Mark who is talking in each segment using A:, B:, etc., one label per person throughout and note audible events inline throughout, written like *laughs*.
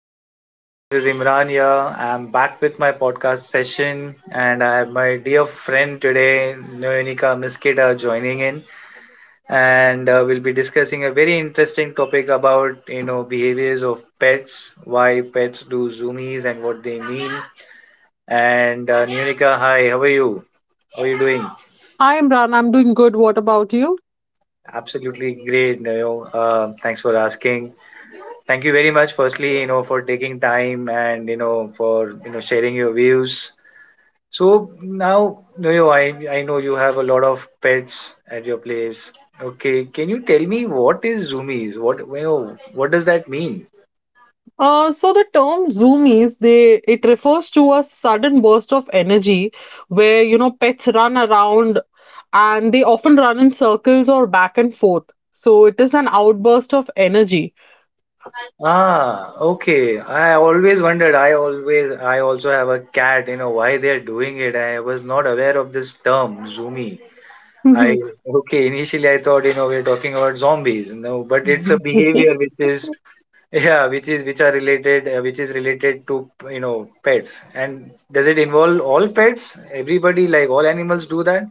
A: evening, guys. This is Imran here. I'm back with my podcast session, and I have my dear friend today, Noenika Miskita, joining in, and we'll be discussing a very interesting topic about behaviors of pets, why pets do zoomies, and what they mean. And Noenika, hi. How are you? How are you doing?
B: Hi Imran, I'm doing good. What about you?
A: Absolutely great, Noyo. Thanks for asking. Thank you very much, firstly, for taking time and for sharing your views. So now, Noyo, I know you have a lot of pets at your place. Okay, can you tell me what is zoomies? What does that mean?
B: So the term zoomies, they it refers to a sudden burst of energy where pets run around and they often run in circles or back and forth. So it is an outburst of energy.
A: Ah, okay. I always wondered. I also have a cat. Why they're doing it. I was not aware of this term, zoomie. I okay. Initially, I thought we're talking about zombies. No, but it's a
B: *laughs*
A: behavior which is yeah which is which are related which is related to pets. And does it involve all pets, everybody, like all animals do that?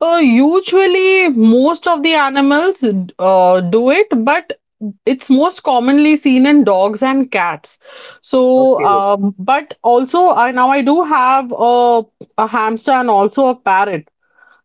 B: Usually, most of the animals do it, but it's most commonly seen in dogs and cats. So,
A: Okay.
B: um, but also, I now I do have a hamster and also a parrot.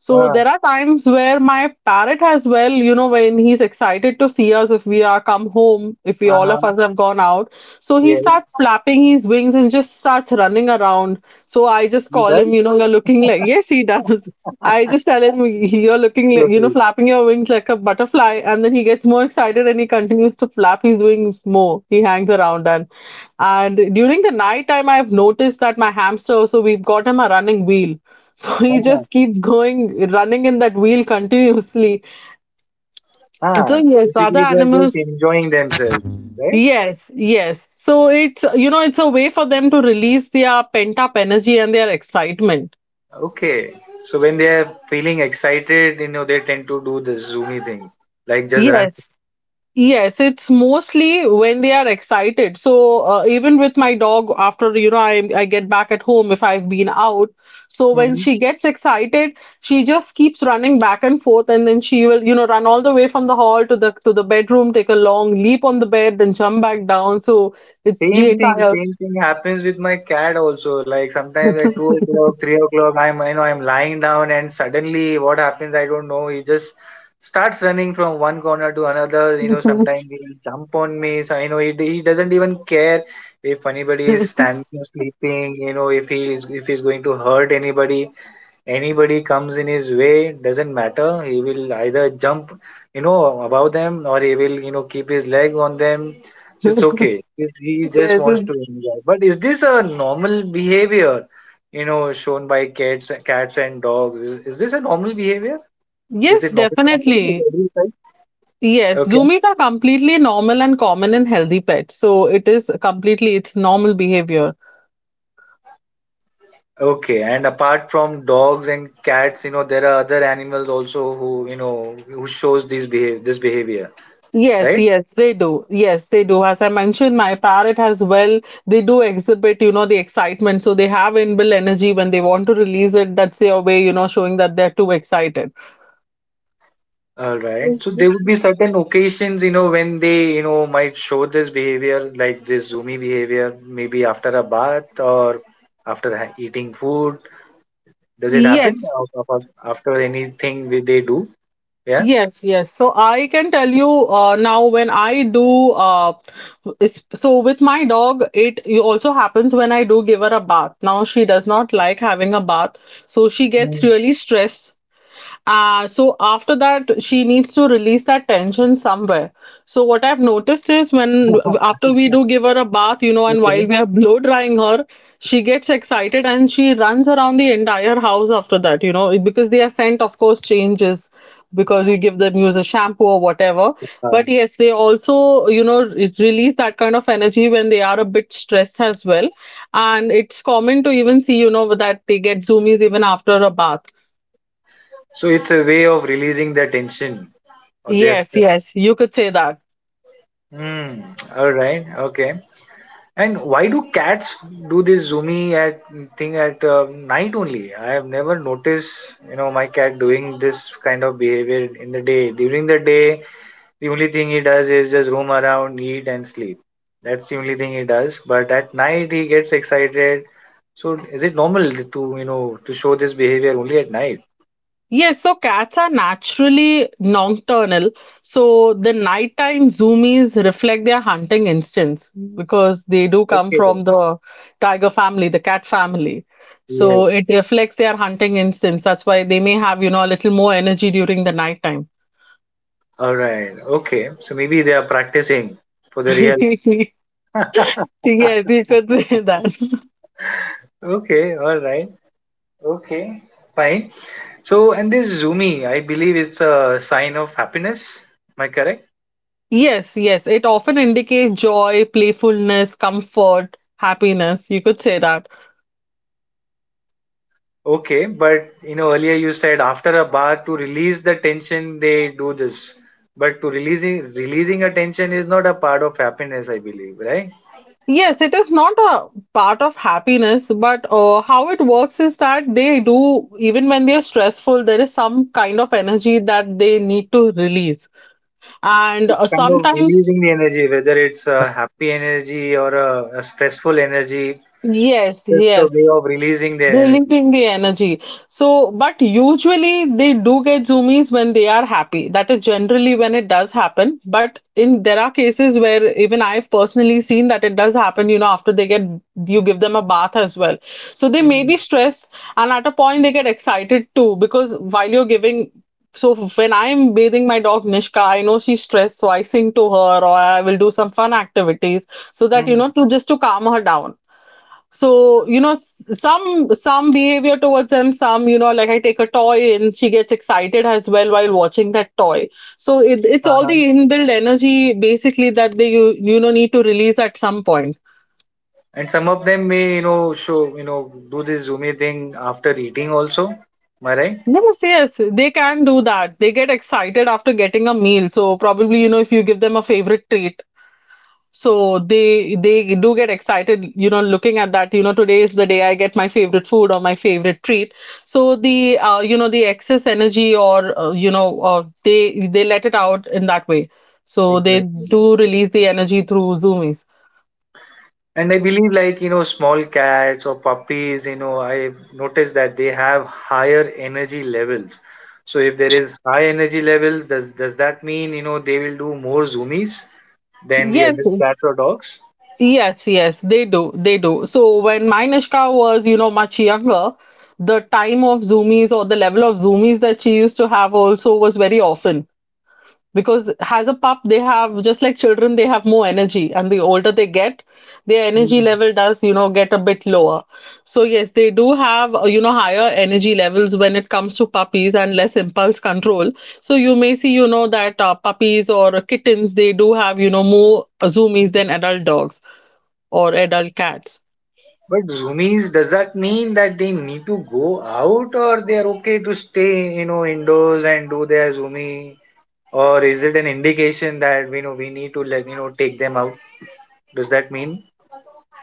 B: So
A: Ah.
B: there are times where my parrot as well, you know, when he's excited to see us, if we are come home, if we all of
A: Uh-huh.
B: us have gone out. So he
A: Yes,
B: starts flapping his wings and just starts running around. So I just
A: you
B: call him,
A: done?
B: you know, you're looking like, yes, he does. *laughs* I just tell him, you're looking like, you know,
A: Totally.
B: flapping your wings like a butterfly. And then he gets more excited and he continues to flap his wings more. He hangs around, and during the night time, I've noticed that my hamster also, we've got him a running wheel. So *laughs* he
A: Ah,
B: just keeps going, running in that wheel continuously. So,
A: ah.
B: yes, other
A: Basically, they are just
B: animals.
A: enjoying themselves, right?
B: Yes, yes. So it's, you know, it's a way for them to release their pent up energy and their excitement.
A: Okay, so when they are feeling excited, they tend to do the zoomy thing, like just run.
B: Yes. Yes, it's mostly when they are excited. So even with my dog, after you know, I get back at home if I've been out. So when she gets excited, she just keeps running back and forth, and then she will you know run all the way from the hall to the bedroom, take a long leap on the bed, then jump back down. So it's the
A: Same thing,
B: entire.
A: same thing happens with my cat also. Like sometimes at 2 o'clock, 3 o'clock, I'm you know I'm lying down and suddenly what happens I don't know. He just starts running from one corner to another. Sometimes
B: *laughs*
A: he will jump on me. So he, doesn't even care if anybody is standing
B: Yes,
A: or sleeping. If he is, if he's going to hurt anybody. Anybody comes in his way, doesn't matter. He will either jump, you know, above them, or he will, you know, keep his leg on them. So it's okay. He just wants
B: it's-
A: to enjoy. But is this a normal behavior, you know, shown by cats, cats and dogs? Is this a normal behavior? Is
B: yes,
A: it normal to happen with
B: definitely.
A: every type?
B: Yes,
A: Okay.
B: zoomies are completely normal and common in healthy pets. So it is completely its normal behavior.
A: Okay, and apart from dogs and cats, you know, there are other animals also who, you know, who shows these behave this behavior,
B: Yes,
A: right?
B: yes, they do. Yes, they do. As I mentioned, my parrot as well, they do exhibit, you know, the excitement. So they have inbuilt energy when they want to release it. That's their way, you know, showing that they're too excited.
A: All right. So there would be certain occasions, you know, when they, you know, might show this behavior, like this zoomy behavior, maybe after a bath or after eating food. Does it happen
B: Yes.
A: After anything they do? Yeah.
B: Yes, yes. So I can tell you now when I do so with my dog, it also happens when I do give her a bath. Now she does not like having a bath, so she gets
A: Mm.
B: really stressed so after that, she needs to release that tension somewhere. So what I've noticed is when
A: *laughs*
B: after we do give her a bath, you know, and while
A: Okay.
B: we are blow drying her, she gets excited and she runs around the entire house after that, you know, because their scent, of course, changes because you give them use a shampoo or whatever.
A: Uh,
B: But yes, they also, you know, release that kind of energy when they are a bit stressed as well. And it's common to even see, you know, that they get zoomies even after a bath.
A: so it's a way of releasing their tension or their
B: Yes,
A: stress.
B: yes, you could say that.
A: Mm. All right. Okay. And why do cats do this zoomy at thing at night only? I have never noticed, you know, my cat doing this kind of behavior in the day. During the day, the only thing he does is just roam around, eat, and sleep. That's the only thing he does. But at night, he gets excited. So, is it normal to, you know, to show this behavior only at night?
B: Yes, so cats are naturally nocturnal. So the nighttime zoomies reflect their hunting instincts because they do come
A: Okay.
B: from the tiger family, the cat family.
A: Yes.
B: So it reflects their hunting instincts. That's why they may have, you know, a little more energy during the nighttime.
A: All right. Okay. So maybe they are practicing for the real.
B: *laughs*
A: *laughs*
B: Yes, you could *laughs* say that.
A: Okay. All right. Okay, fine. So, and this Zoomy, I believe it's a sign of happiness. Am I correct?
B: Yes, yes. It often indicates joy, playfulness, comfort, happiness. You could say that.
A: Okay, but you know, earlier you said after a bath to release the tension, they do this. But to releasing a tension is not a part of happiness, I believe, right?
B: Yes, it is not a part of happiness, but how it works is that they do, even when they are stressful, there is some kind of energy that they need to release. And
A: It's
B: uh,
A: kind of
B: sometimes,
A: releasing the energy, whether it's a happy energy or a stressful energy,
B: yes,
A: just a
B: yes.
A: way of releasing their energy.
B: Releasing the energy. So, but usually they do get zoomies when they are happy. That is generally when it does happen. But in there are cases where even I've personally seen that it does happen, you know, after they get you give them a bath as well. So they may be stressed and at a point they get excited too because while you're giving so when I'm bathing my dog Nishka, I know she's stressed, so I sing to her or I will do some fun activities so that you
A: Mm-hmm.
B: know to just to calm her down. So, you know, some some behavior towards them, some, you know, like I take a toy and she gets excited as well while watching that toy. So it's all the inbuilt energy basically that you know need to release at some point.
A: And some of them may, you know, show, you know, do this zoomy thing after eating also. Am I right?
B: Yes, yes, they can do that. They get excited after getting a meal. So probably, you know, if you give them a favorite treat, so they do get excited, you know, looking at that, you know, today is the day I get my favorite food or my favorite treat. So the you know the excess energy, or you know, they let it out in that way. So they
A: Exactly.
B: do release the energy through zoomies.
A: And I believe, like, you know, small cats or puppies, you know, I've noticed that they have higher energy levels. So if there is high energy levels, does that mean, you know, they will do more zoomies than the
B: Yes,
A: adult cats or dogs?
B: yes, yes, they do, they do. So when my Nishka was you know much younger, the time of zoomies or the level of zoomies that she used to have also was very often, because as a pup they have, just like children, they have more energy, and the older they get, their energy
A: Hmm.
B: level does you know get a bit lower. So yes, they do have you know higher energy levels when it comes to puppies and less impulse control. So you may see you know that puppies or kittens, they do have you know more zoomies than adult dogs or adult cats.
A: But zoomies, does that mean that they need to go out, or they are okay to stay, you know, indoors and do their zoomie? Or is it an indication that we know we need to like take them out? Does that mean?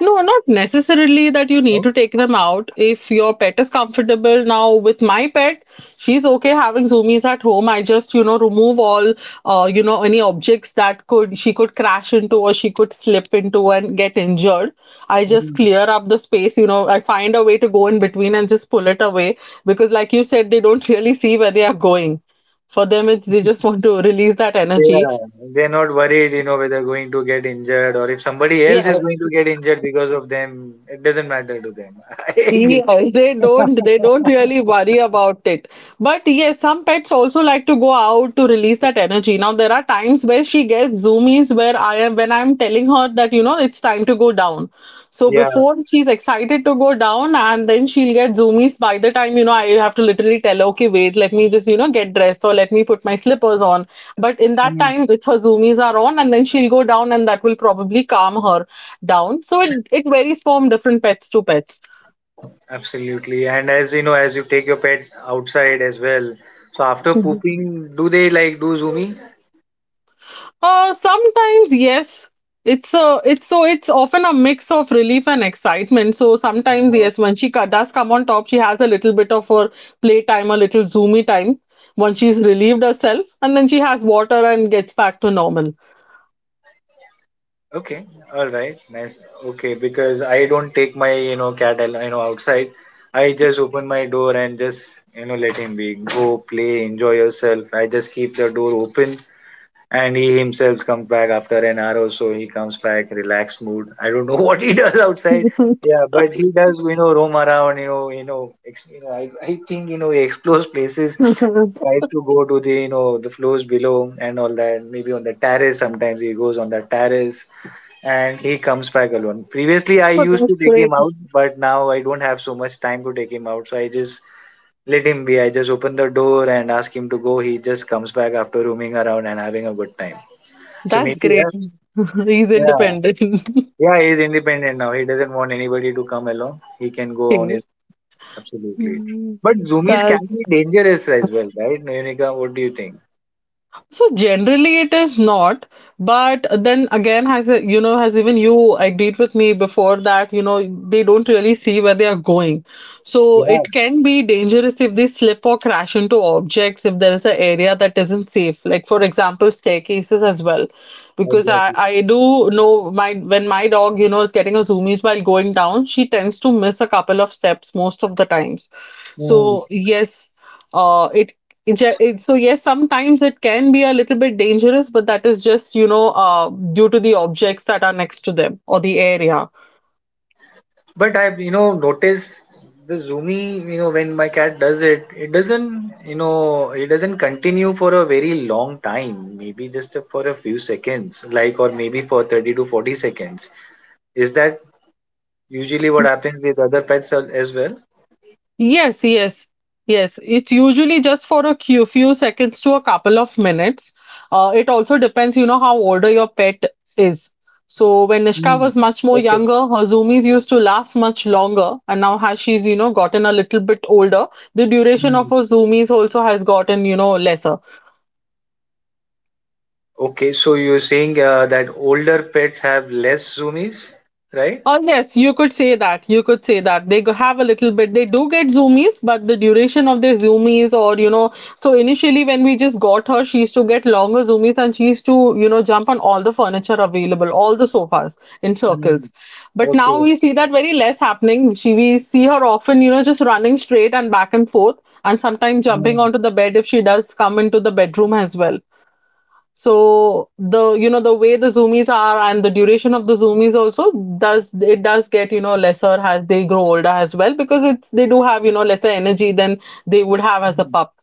B: No, not necessarily that you need
A: No?
B: to take them out. If your pet is comfortable, now with my pet, she's okay having zoomies at home. I just, you know, remove all, you know, any objects that could she could crash into or she could slip into and get injured. I just
A: Mm.
B: clear up the space, you know, I find a way to go in between and just pull it away, because, like you said, they don't really see where they are going. For them, it's they just want to release that energy.
A: Yeah, they're not worried, you know, whether they're going to get injured or if somebody else is
B: Yeah.
A: going to get injured because of them, it doesn't matter to them. *laughs* I agree.
B: Yeah, *laughs* they don't really worry about it. But yes, some pets also like to go out to release that energy. Now there are times where she gets zoomies where I am when I'm telling her that you know it's time to go down. So
A: Yeah.
B: before she's excited to go down and then she'll get zoomies by the time you know I have to literally tell her, okay, wait, let me just you know get dressed or let me put my slippers on. But in that
A: Mm.
B: time, it's her zoomies are on, and then she'll go down and that will probably calm her down. So it varies from different pets to pets.
A: Absolutely. And as you know, as you take your pet outside as well, so after pooping, do they like do zoomies?
B: Sometimes yes. It's so it's often a mix of relief and excitement. So sometimes yes, when she does come on top, she has a little bit of her playtime, a little zoomy time, once she's relieved herself, and then she has water and gets back to normal.
A: Okay, all right, nice. Okay, because I don't take my cat outside. I just open my door and just let him be, go play, enjoy yourself. I just keep the door open and he himself comes back after an hour or so. He comes back relaxed mood. I don't know *laughs* what he does outside.
B: *laughs*
A: Yeah, but he does roam around. I think he explores places, tries to go to the the floors below and all that. Maybe on the terrace, sometimes he goes on the terrace and he comes back alone. Previously, I
B: So
A: used to
B: that's-
A: take him out, but now I don't have so much time to take him out, so I just let him be. I just open the door and ask him to go. He just comes back after roaming around and having a good time. So maybe yes,
B: that *laughs* he's
A: yeah,
B: independent. *laughs*
A: yeah, he's independent now. He doesn't want anybody to come along. He can go on his absolutely.
B: You
A: But zoomies can
B: know.
A: be dangerous as well, right? Nonika, what do you think?
B: So generally it is not, but then again, you know, has even you agreed with me before that, you know, they don't really see where they are going. So
A: Yeah,
B: it can be dangerous if they slip or crash into objects if there is an area that isn't safe. Like for example, staircases as well. Because I,
A: exactly.
B: I do know my when my dog, you know, is getting a zoomies while going down, she tends to miss a couple of steps most of the times. So yes, it So yes, sometimes it can be a little bit dangerous, but that is just, you know, due to the objects that are next to them or the area.
A: But I've, you know, noticed the zoomy, you know, when my cat does it, it doesn't, you know, it doesn't continue for a very long time, maybe just for a few seconds, like, or maybe for 30 to 40 seconds. Is that usually what happens with other pets as well?
B: Yes, yes, yes. It's usually just for a few seconds to a couple of minutes. It also depends, you know, how older your pet is. So when Nishka
A: Mm.
B: was much more
A: Okay.
B: younger, her zoomies used to last much longer, and now has she's, you know, gotten a little bit older, the duration of
A: Mm.
B: her zoomies also has gotten, you know, lesser.
A: Okay, so you're saying that older pets have less zoomies, right?
B: Oh, yes, you could say that. You could say that. Have a little bit, they do get zoomies, but the duration of their zoomies, or you know, so initially when we just got her, she used to get longer zoomies and she used to, you know, jump on all the furniture available, all the sofas in circles.
A: Mm.
B: But now
A: Okay.
B: we see that very less happening. She, we see her often, you know, just running straight and back and forth, and sometimes jumping
A: Mm.
B: onto the bed if she does come into the bedroom as well, so the you know the way the zoomies are and the duration of the zoomies also does get, you know, lesser as they grow older as well, because it's they do have, you know, lesser energy than they would have as a pup.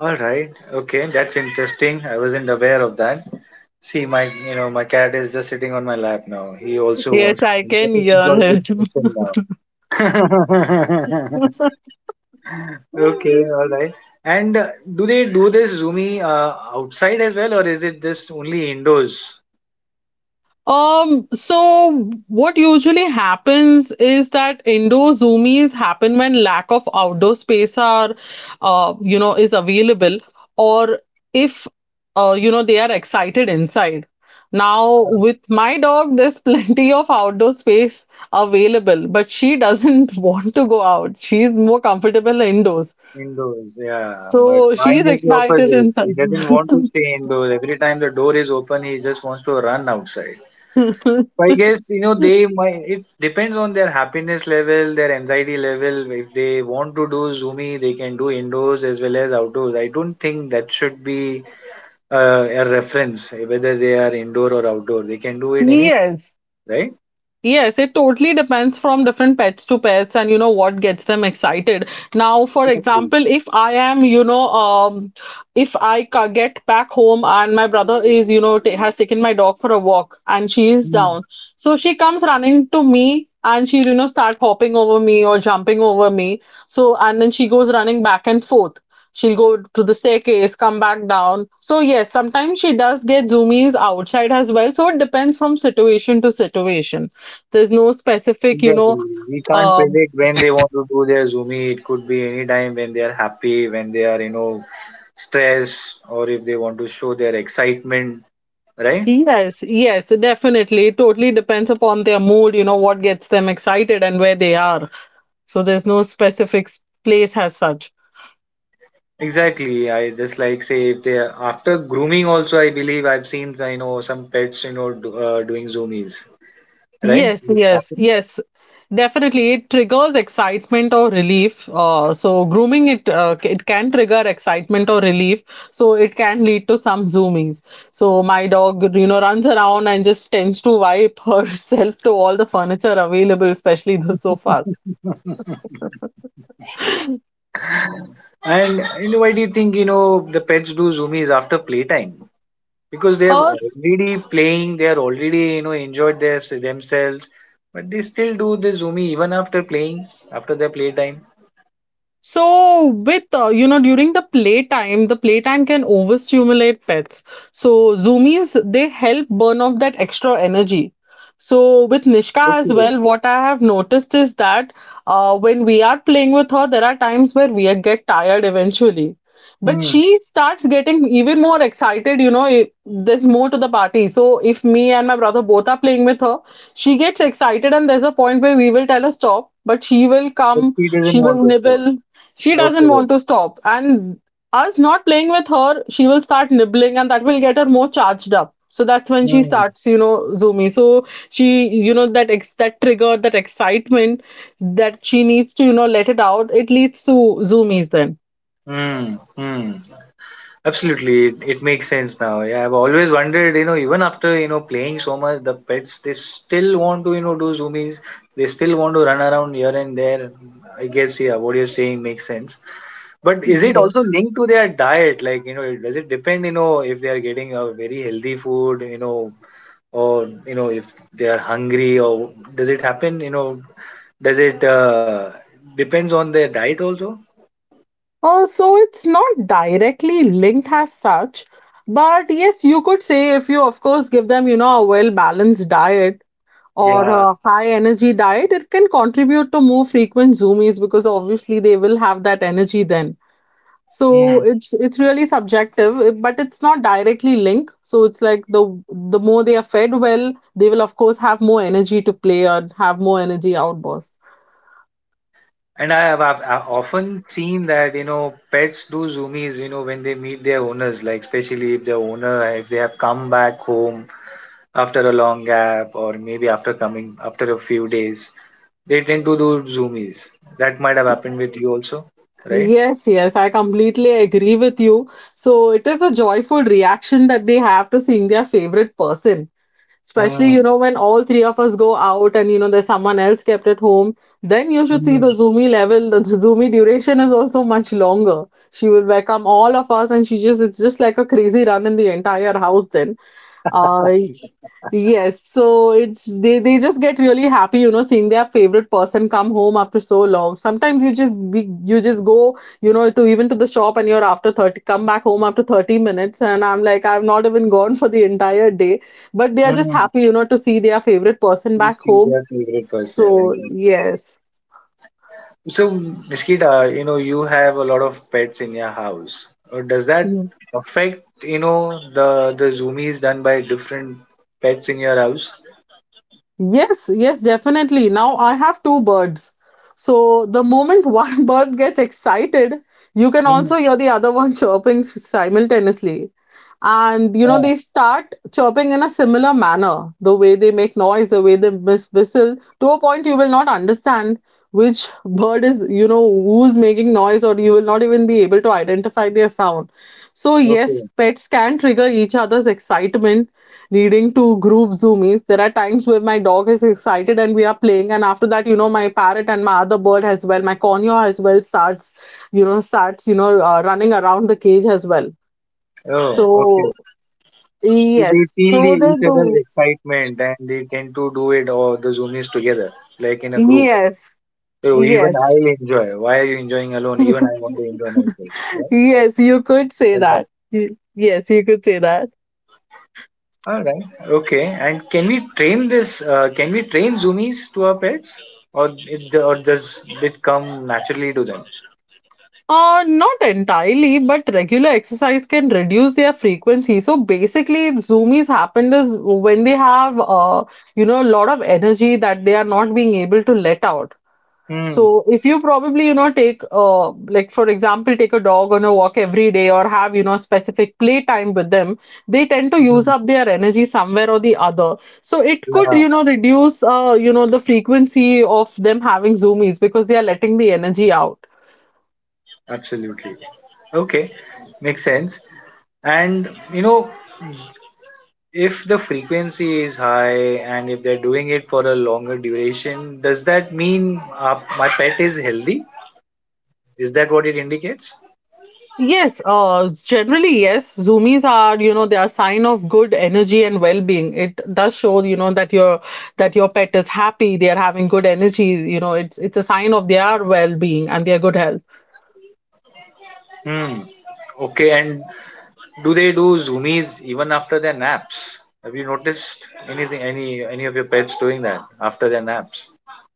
A: All right. Okay, that's interesting. I wasn't aware of that. See, my my cat is just sitting on my lap now. He also
B: Yes,
A: wants
B: I
A: to
B: can hear
A: enjoy
B: him.
A: this session now. *laughs* Okay,
B: *laughs*
A: all right. And do they do this Zoomy outside as well, or is it just only indoors?
B: So what usually happens is that indoor zoomies happen when lack of outdoor space are, you know, is available, or if, you know, they are excited inside. Now,
A: Uh,
B: with my dog, there's *laughs* plenty of outdoor space available, but she doesn't *laughs* want to go out. She's more comfortable indoors.
A: Indoors, yeah. But
B: So
A: mine
B: she's
A: is the
B: excited
A: opposite.
B: inside.
A: He doesn't want to stay indoors. Every time the door is open, he just wants to run outside. I
B: *laughs*
A: guess they might. It depends on their happiness level, their anxiety level. If they want to do zoomy, they can do indoors as well as outdoors. I don't think that should be a reference whether they are indoor or outdoor. They can do it any
B: Yes.
A: right.
B: Yes, it totally depends from different pets to pets and you know what gets them excited. Now, for
A: Exactly.
B: example, if I am, you know, if get back home and my brother is, you know, ta has taken my dog for a walk and she is
A: Mm,
B: down. So she comes running to me and she, you know, start hopping over me or jumping over me. So, and then she goes running back and forth. She'll go to the staircase, come back down. So, yes, sometimes she does get zoomies outside as well. So, it depends from situation to situation. There's no specific, you know,
A: exactly. We can't
B: um,
A: predict when they want to do their zoomy. It could be any time when they are happy, when they are stressed, or if they want to show their excitement. Right.
B: yes, yes, definitely. It totally depends upon their mood, you know, what gets them excited and where they are. So there's no specific place as such.
A: Exactly. I just like say if they after grooming also I believe I've seen I know some pets do, doing zoomies, right? *laughs*
B: Yes,
A: This
B: yes,
A: happened.
B: yes. Definitely, it triggers excitement or relief. So grooming it can trigger excitement or relief. So it can lead to some zoomies. So my dog, you know, runs around and just tends to wipe *laughs* herself to all the furniture available, especially the sofas.
A: And you know, why do you think the pets do zoomies after playtime? Because they have
B: Uh,
A: already playing, they are already enjoyed their themselves, but they still do the zoomie even after playing, after their playtime.
B: So with you know, during the playtime can overstimulate pets. So, zoomies they help burn off that extra energy. So, with Nishka as
A: Okay.
B: well, what I have noticed is that when we are playing with her, there are times where we get tired eventually. But
A: Hmm.
B: she starts getting even more excited, you know, if there's more to the party. So, if me and my brother both are playing with her, she gets excited, and there's a point where we will tell her stop, but she will
A: But
B: come,
A: she doesn't
B: she
A: want
B: will
A: to stop.
B: nibble, she doesn't
A: Okay.
B: want to stop. And us not playing with her, she will start nibbling and that will get her more charged up. So that's when she
A: Hmm.
B: starts, you know, zoomy. So she, you know, that trigger, that excitement that she needs to, you know, let it out. It leads to zoomies then.
A: Hmm. Hmm. Absolutely, it makes sense now. Yeah, I've always wondered, you know, even after, you know, playing so much, the pets, they still want to, you know, do zoomies. They still want to run around here and there. I guess, yeah, what you're saying makes sense. But is it
B: Mhm.
A: also linked to their diet? Like, you know, does it depend, you know, if they are getting a very healthy food, you know, or, you know, if they are hungry, or does it happen, you know, does it depends on their diet also?
B: So it's not directly linked as such, but yes, you could say if you, of course, give them, you know, a well balanced diet, or
A: Yeah.
B: a high energy diet, it can contribute to more frequent zoomies because obviously they will have that energy then. So it's really subjective, eh, but it's not directly linked. So it's like the more they are fed well, they will of course have more energy to play or have more energy outburst.
A: And I've often seen that, you know, pets do zoomies, you know, when they meet their owners, like especially if their owner, if they have come back home after a long gap, or maybe after coming after a few days, they tend to do zoomies. That might have happened with you also, right?
B: Yes, yes, I completely agree with you. So it is the joyful reaction that they have to seeing their favorite person. Especially, you
A: Mm,
B: know, when all three of us go out and, you know, there's someone else kept at home, then you should see the
A: mm,
B: zoomy level. The *laughs* zoomy duration is also much longer. She will welcome all of us and she just, it's just like a crazy run in the entire house then. Uh, y- yes, so it's they just get really happy, you know, seeing their favorite person come home after so long. Sometimes you just be, you just go, you know, to even to the shop and you're come back home after 30 minutes and I'm like I've not even gone for the entire day, but they are just
A: mm.
B: happy, you know, to see their favorite person
A: You
B: back
A: see
B: home.
A: their favorite person.
B: So, yes.
A: So, Miskita, you know, you have a lot of pets in your house. Does that affect, you know, the zoomies done by different pets in your house?
B: Yes, yes, definitely. Now I have two birds. So the moment *laughs* one bird gets excited, you can
A: Hmm.
B: also hear the other one *laughs* chirping simultaneously. And you know,
A: Ah,
B: they start chirping in a similar manner. The way they make noise, the way they whistle, to a point you will not understand which bird is, you know, who's making noise, or you will not even be able to identify their sound. So, yes,
A: okay.
B: pets can trigger each other's excitement leading to group zoomies. There are times where my dog is excited and we are playing, and after that, you know, my parrot and my other bird as well, my conure as well, starts, you know, running around the cage as well.
A: Oh, okay.
B: So
A: So they
B: yes,
A: feel
B: so
A: the
B: they
A: each other's
B: do.
A: excitement and they tend to do it or the zoomies together, like in a group.
B: Yes,
A: So even I
B: yes,
A: enjoy. Why are you enjoying alone? Even I
B: *laughs*
A: want to enjoy myself.
B: yes. You could say
A: Yeah?
B: that. Yes, you could say that.
A: All right. Okay. And can we train this? Can we train zoomies to our pets, or or does it come naturally to them?
B: Not entirely, but regular exercise can reduce their frequency. So basically, zoomies happened is when they have, you know, a lot of energy that they are not being able to let out.
A: Hmm.
B: So if you probably, you know, take, like for example, take a dog on a walk every day or have, you know, specific playtime with them, they tend to use
A: Hmm.
B: up their energy somewhere or the other. So it could,
A: Yeah.
B: you know, reduce, you know, the frequency of them having zoomies because they are letting the energy out.
A: Absolutely. Okay. Makes sense. And you know, if the frequency is high and if they're doing it for a longer duration, does that mean my pet is healthy? Is that what it indicates?
B: Yes, generally, yes. Zoomies are, you know, they are sign of good energy and well-being. It does show, you know, that your pet is happy, they are having good energy, you know, it's a sign of their well-being and their good health.
A: Hmm. Okay. And do they do zoomies even after their naps? Have you noticed anything, any of your pets doing that after their naps?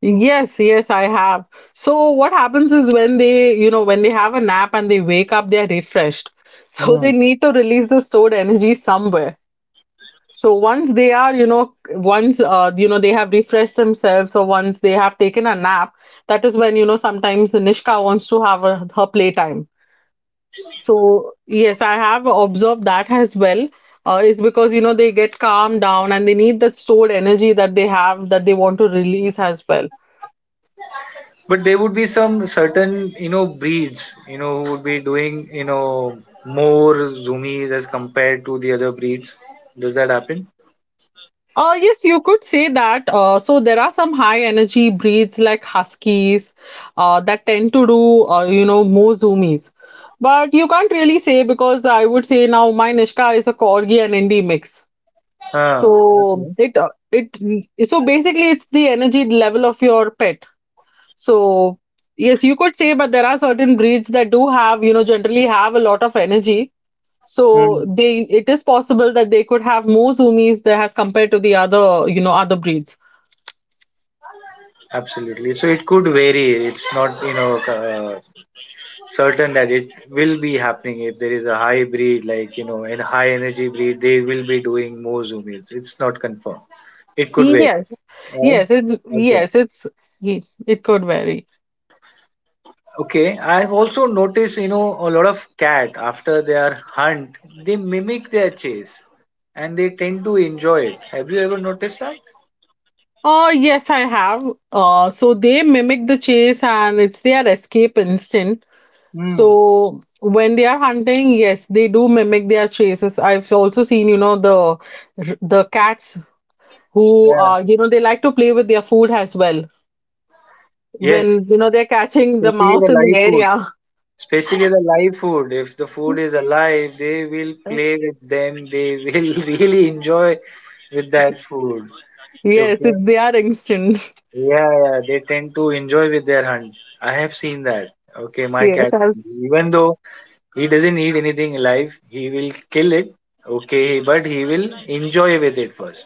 B: Yes, yes, I have. So what happens is when they, you know, when they have a nap and they wake up, they are refreshed. *laughs* So
A: Hmm.
B: they need to release the stored energy somewhere. So once they are, you know, once you know they have refreshed themselves, or once they have taken a nap, that is when you know sometimes Nishka wants to have a, her playtime. So yes, I have observed that as well. Is because you know they get calmed down and they need that stored energy that they have that they want to release as well.
A: But there would be some certain, you know, breeds, you know, who would be doing, you know, more zoomies as compared to the other breeds. Does that happen?
B: Yes, you could say that. So there are some high energy breeds like huskies, that tend to do, you know, more zoomies. But you can't really say because I would say now my Nishka is a corgi and indie mix.
A: Huh.
B: So
A: Okay.
B: it it so basically it's the energy level of your pet. So yes, you could say, but there are certain breeds that do have, you know, generally have a lot of energy, so
A: Hmm.
B: they it is possible that they could have more zoomies there as compared to the other, you know, other breeds.
A: Absolutely. So it could vary. It's not, you know, certain that it will be happening if there is a high breed, like, you know, in high energy breed they will be doing more zoom meals, it's not confirmed, it could wait.
B: Yes.
A: Uh,
B: Yes, it's
A: okay,
B: yes, it's ye- it could vary.
A: okay. I've also noticed, you know, a lot of cat after their hunt they mimic their chase and they tend to enjoy it. Have you ever noticed that?
B: Oh, yes, I have. So they mimic the chase and it's their escape instinct.
A: Hmm.
B: So when they are hunting, yes, they do mimic their chases. I've also seen, you know, the cats who,
A: Yeah.
B: you know, they like to play with their food as well
A: Yes.
B: when you know they're catching the
A: Especially
B: mouse
A: the
B: in the
A: live food.
B: area.
A: Especially the live food. If the food is alive, they will play
B: *laughs*
A: with them. They will *laughs* really enjoy with that food.
B: Yes,
A: Okay.
B: if they are instant. *laughs*
A: Yeah, yeah. They tend to enjoy with their hunt. I have seen that. Okay, my
B: Yeah.
A: cat. Even though he doesn't eat anything alive, he will kill it. Okay, but he will enjoy with it first.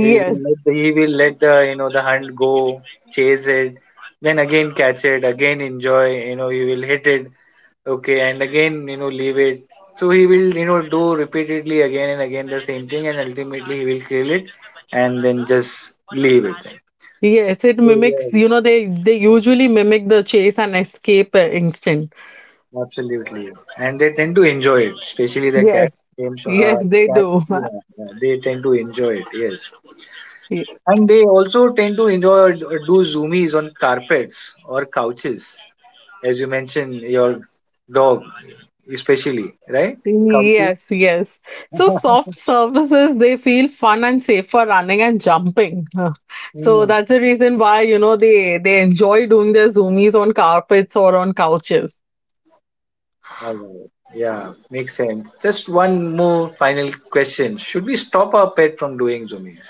A: He will let the, he will let the, you know, the hunt go, chase it, then again catch it, again enjoy. You know he will hit it, okay, and again you know leave it. So he will you know do repeatedly again and again the same thing, and ultimately he will kill it, and then just leave it.
B: Yes, it
A: So
B: mimics,
A: yes,
B: you know, they usually mimic the chase and escape instinct.
A: absolutely, and they tend to enjoy it, especially the cat.
B: Yes.
A: Game show,
B: Yes, they
A: cats,
B: do. *laughs*
A: yeah, yeah, they tend to enjoy it. Yes.
B: Ye-
A: And they also tend to enjoy or do zoomies on carpets or couches, as you mentioned, your dog, especially, right? Couches.
B: Yes, yes. So
A: *laughs*
B: soft surfaces, they feel fun and safe for running and jumping. Huh. So
A: Hmm.
B: that's the reason why, you know, they enjoy doing their zoomies on carpets or on couches.
A: Alright. Yeah, makes sense. Just one more final question. Should we stop our pet from doing zoomies?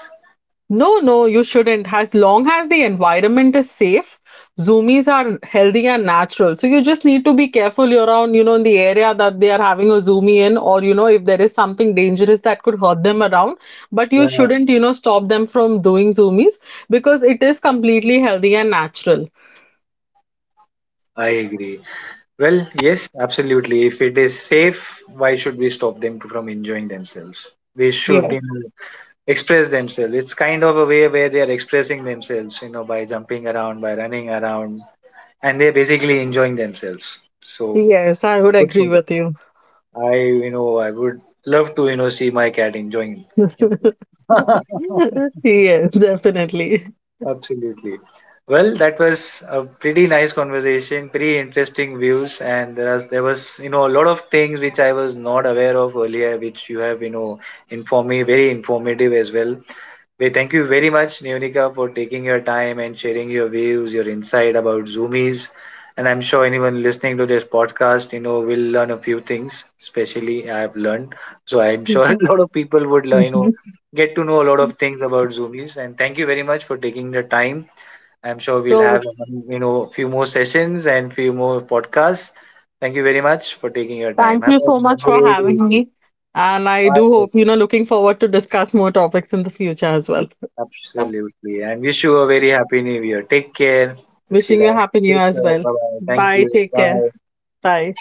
B: No, no, you shouldn't. As long as the environment is safe, zoomies are healthy and natural. So you just need to be careful. You're around, you know, in the area that they are having a zoomie in, or you know, if there is something dangerous that could hurt them around. But you
A: Yeah,
B: shouldn't, you know, stop them from doing zoomies because it is completely healthy and natural.
A: I agree. Well, yes, absolutely. If it is safe, why should we stop them from enjoying themselves? They should,
B: Yes,
A: you know, express themselves. It's kind of a way where they are expressing themselves, you know, by jumping around, by running around, and they're basically enjoying themselves. So
B: yes, I would
A: good
B: agree
A: for them.
B: with you.
A: I, you know, I would love to, you know, see my cat enjoying himself.
B: *laughs* Yes, definitely.
A: *laughs* Absolutely. Well, that was a pretty nice conversation, pretty interesting views, and there was, you know, a lot of things which I was not aware of earlier, which you have, you know, informed me, very informative as well. We thank you very much, Neonika, for taking your time and sharing your views, your insight about Zoomies. And I'm sure anyone listening to this podcast, you know, will learn a few things. Especially, I have learned, so I'm sure *laughs* a
B: *laughs*
A: lot of people would, learn, you know, get to know a lot of things about Zoomies. And thank you very much for taking the time. I'm sure we'll have,
B: So
A: you know, few more sessions and few more podcasts. Thank you very much for taking your time.
B: thank
A: Have
B: you
A: a
B: so much for
A: great
B: having
A: evening.
B: me. And I
A: Bye.
B: do hope, you know, looking forward to discuss more topics in the future as well.
A: Absolutely. And wish you a very happy new year. Take care, Miss
B: Wishing you a
A: Kiran.
B: happy new year
A: Take
B: as
A: care.
B: well.
A: Bye bye. Thank
B: Bye.
A: you.
B: Take care.
A: Bye.
B: Bye.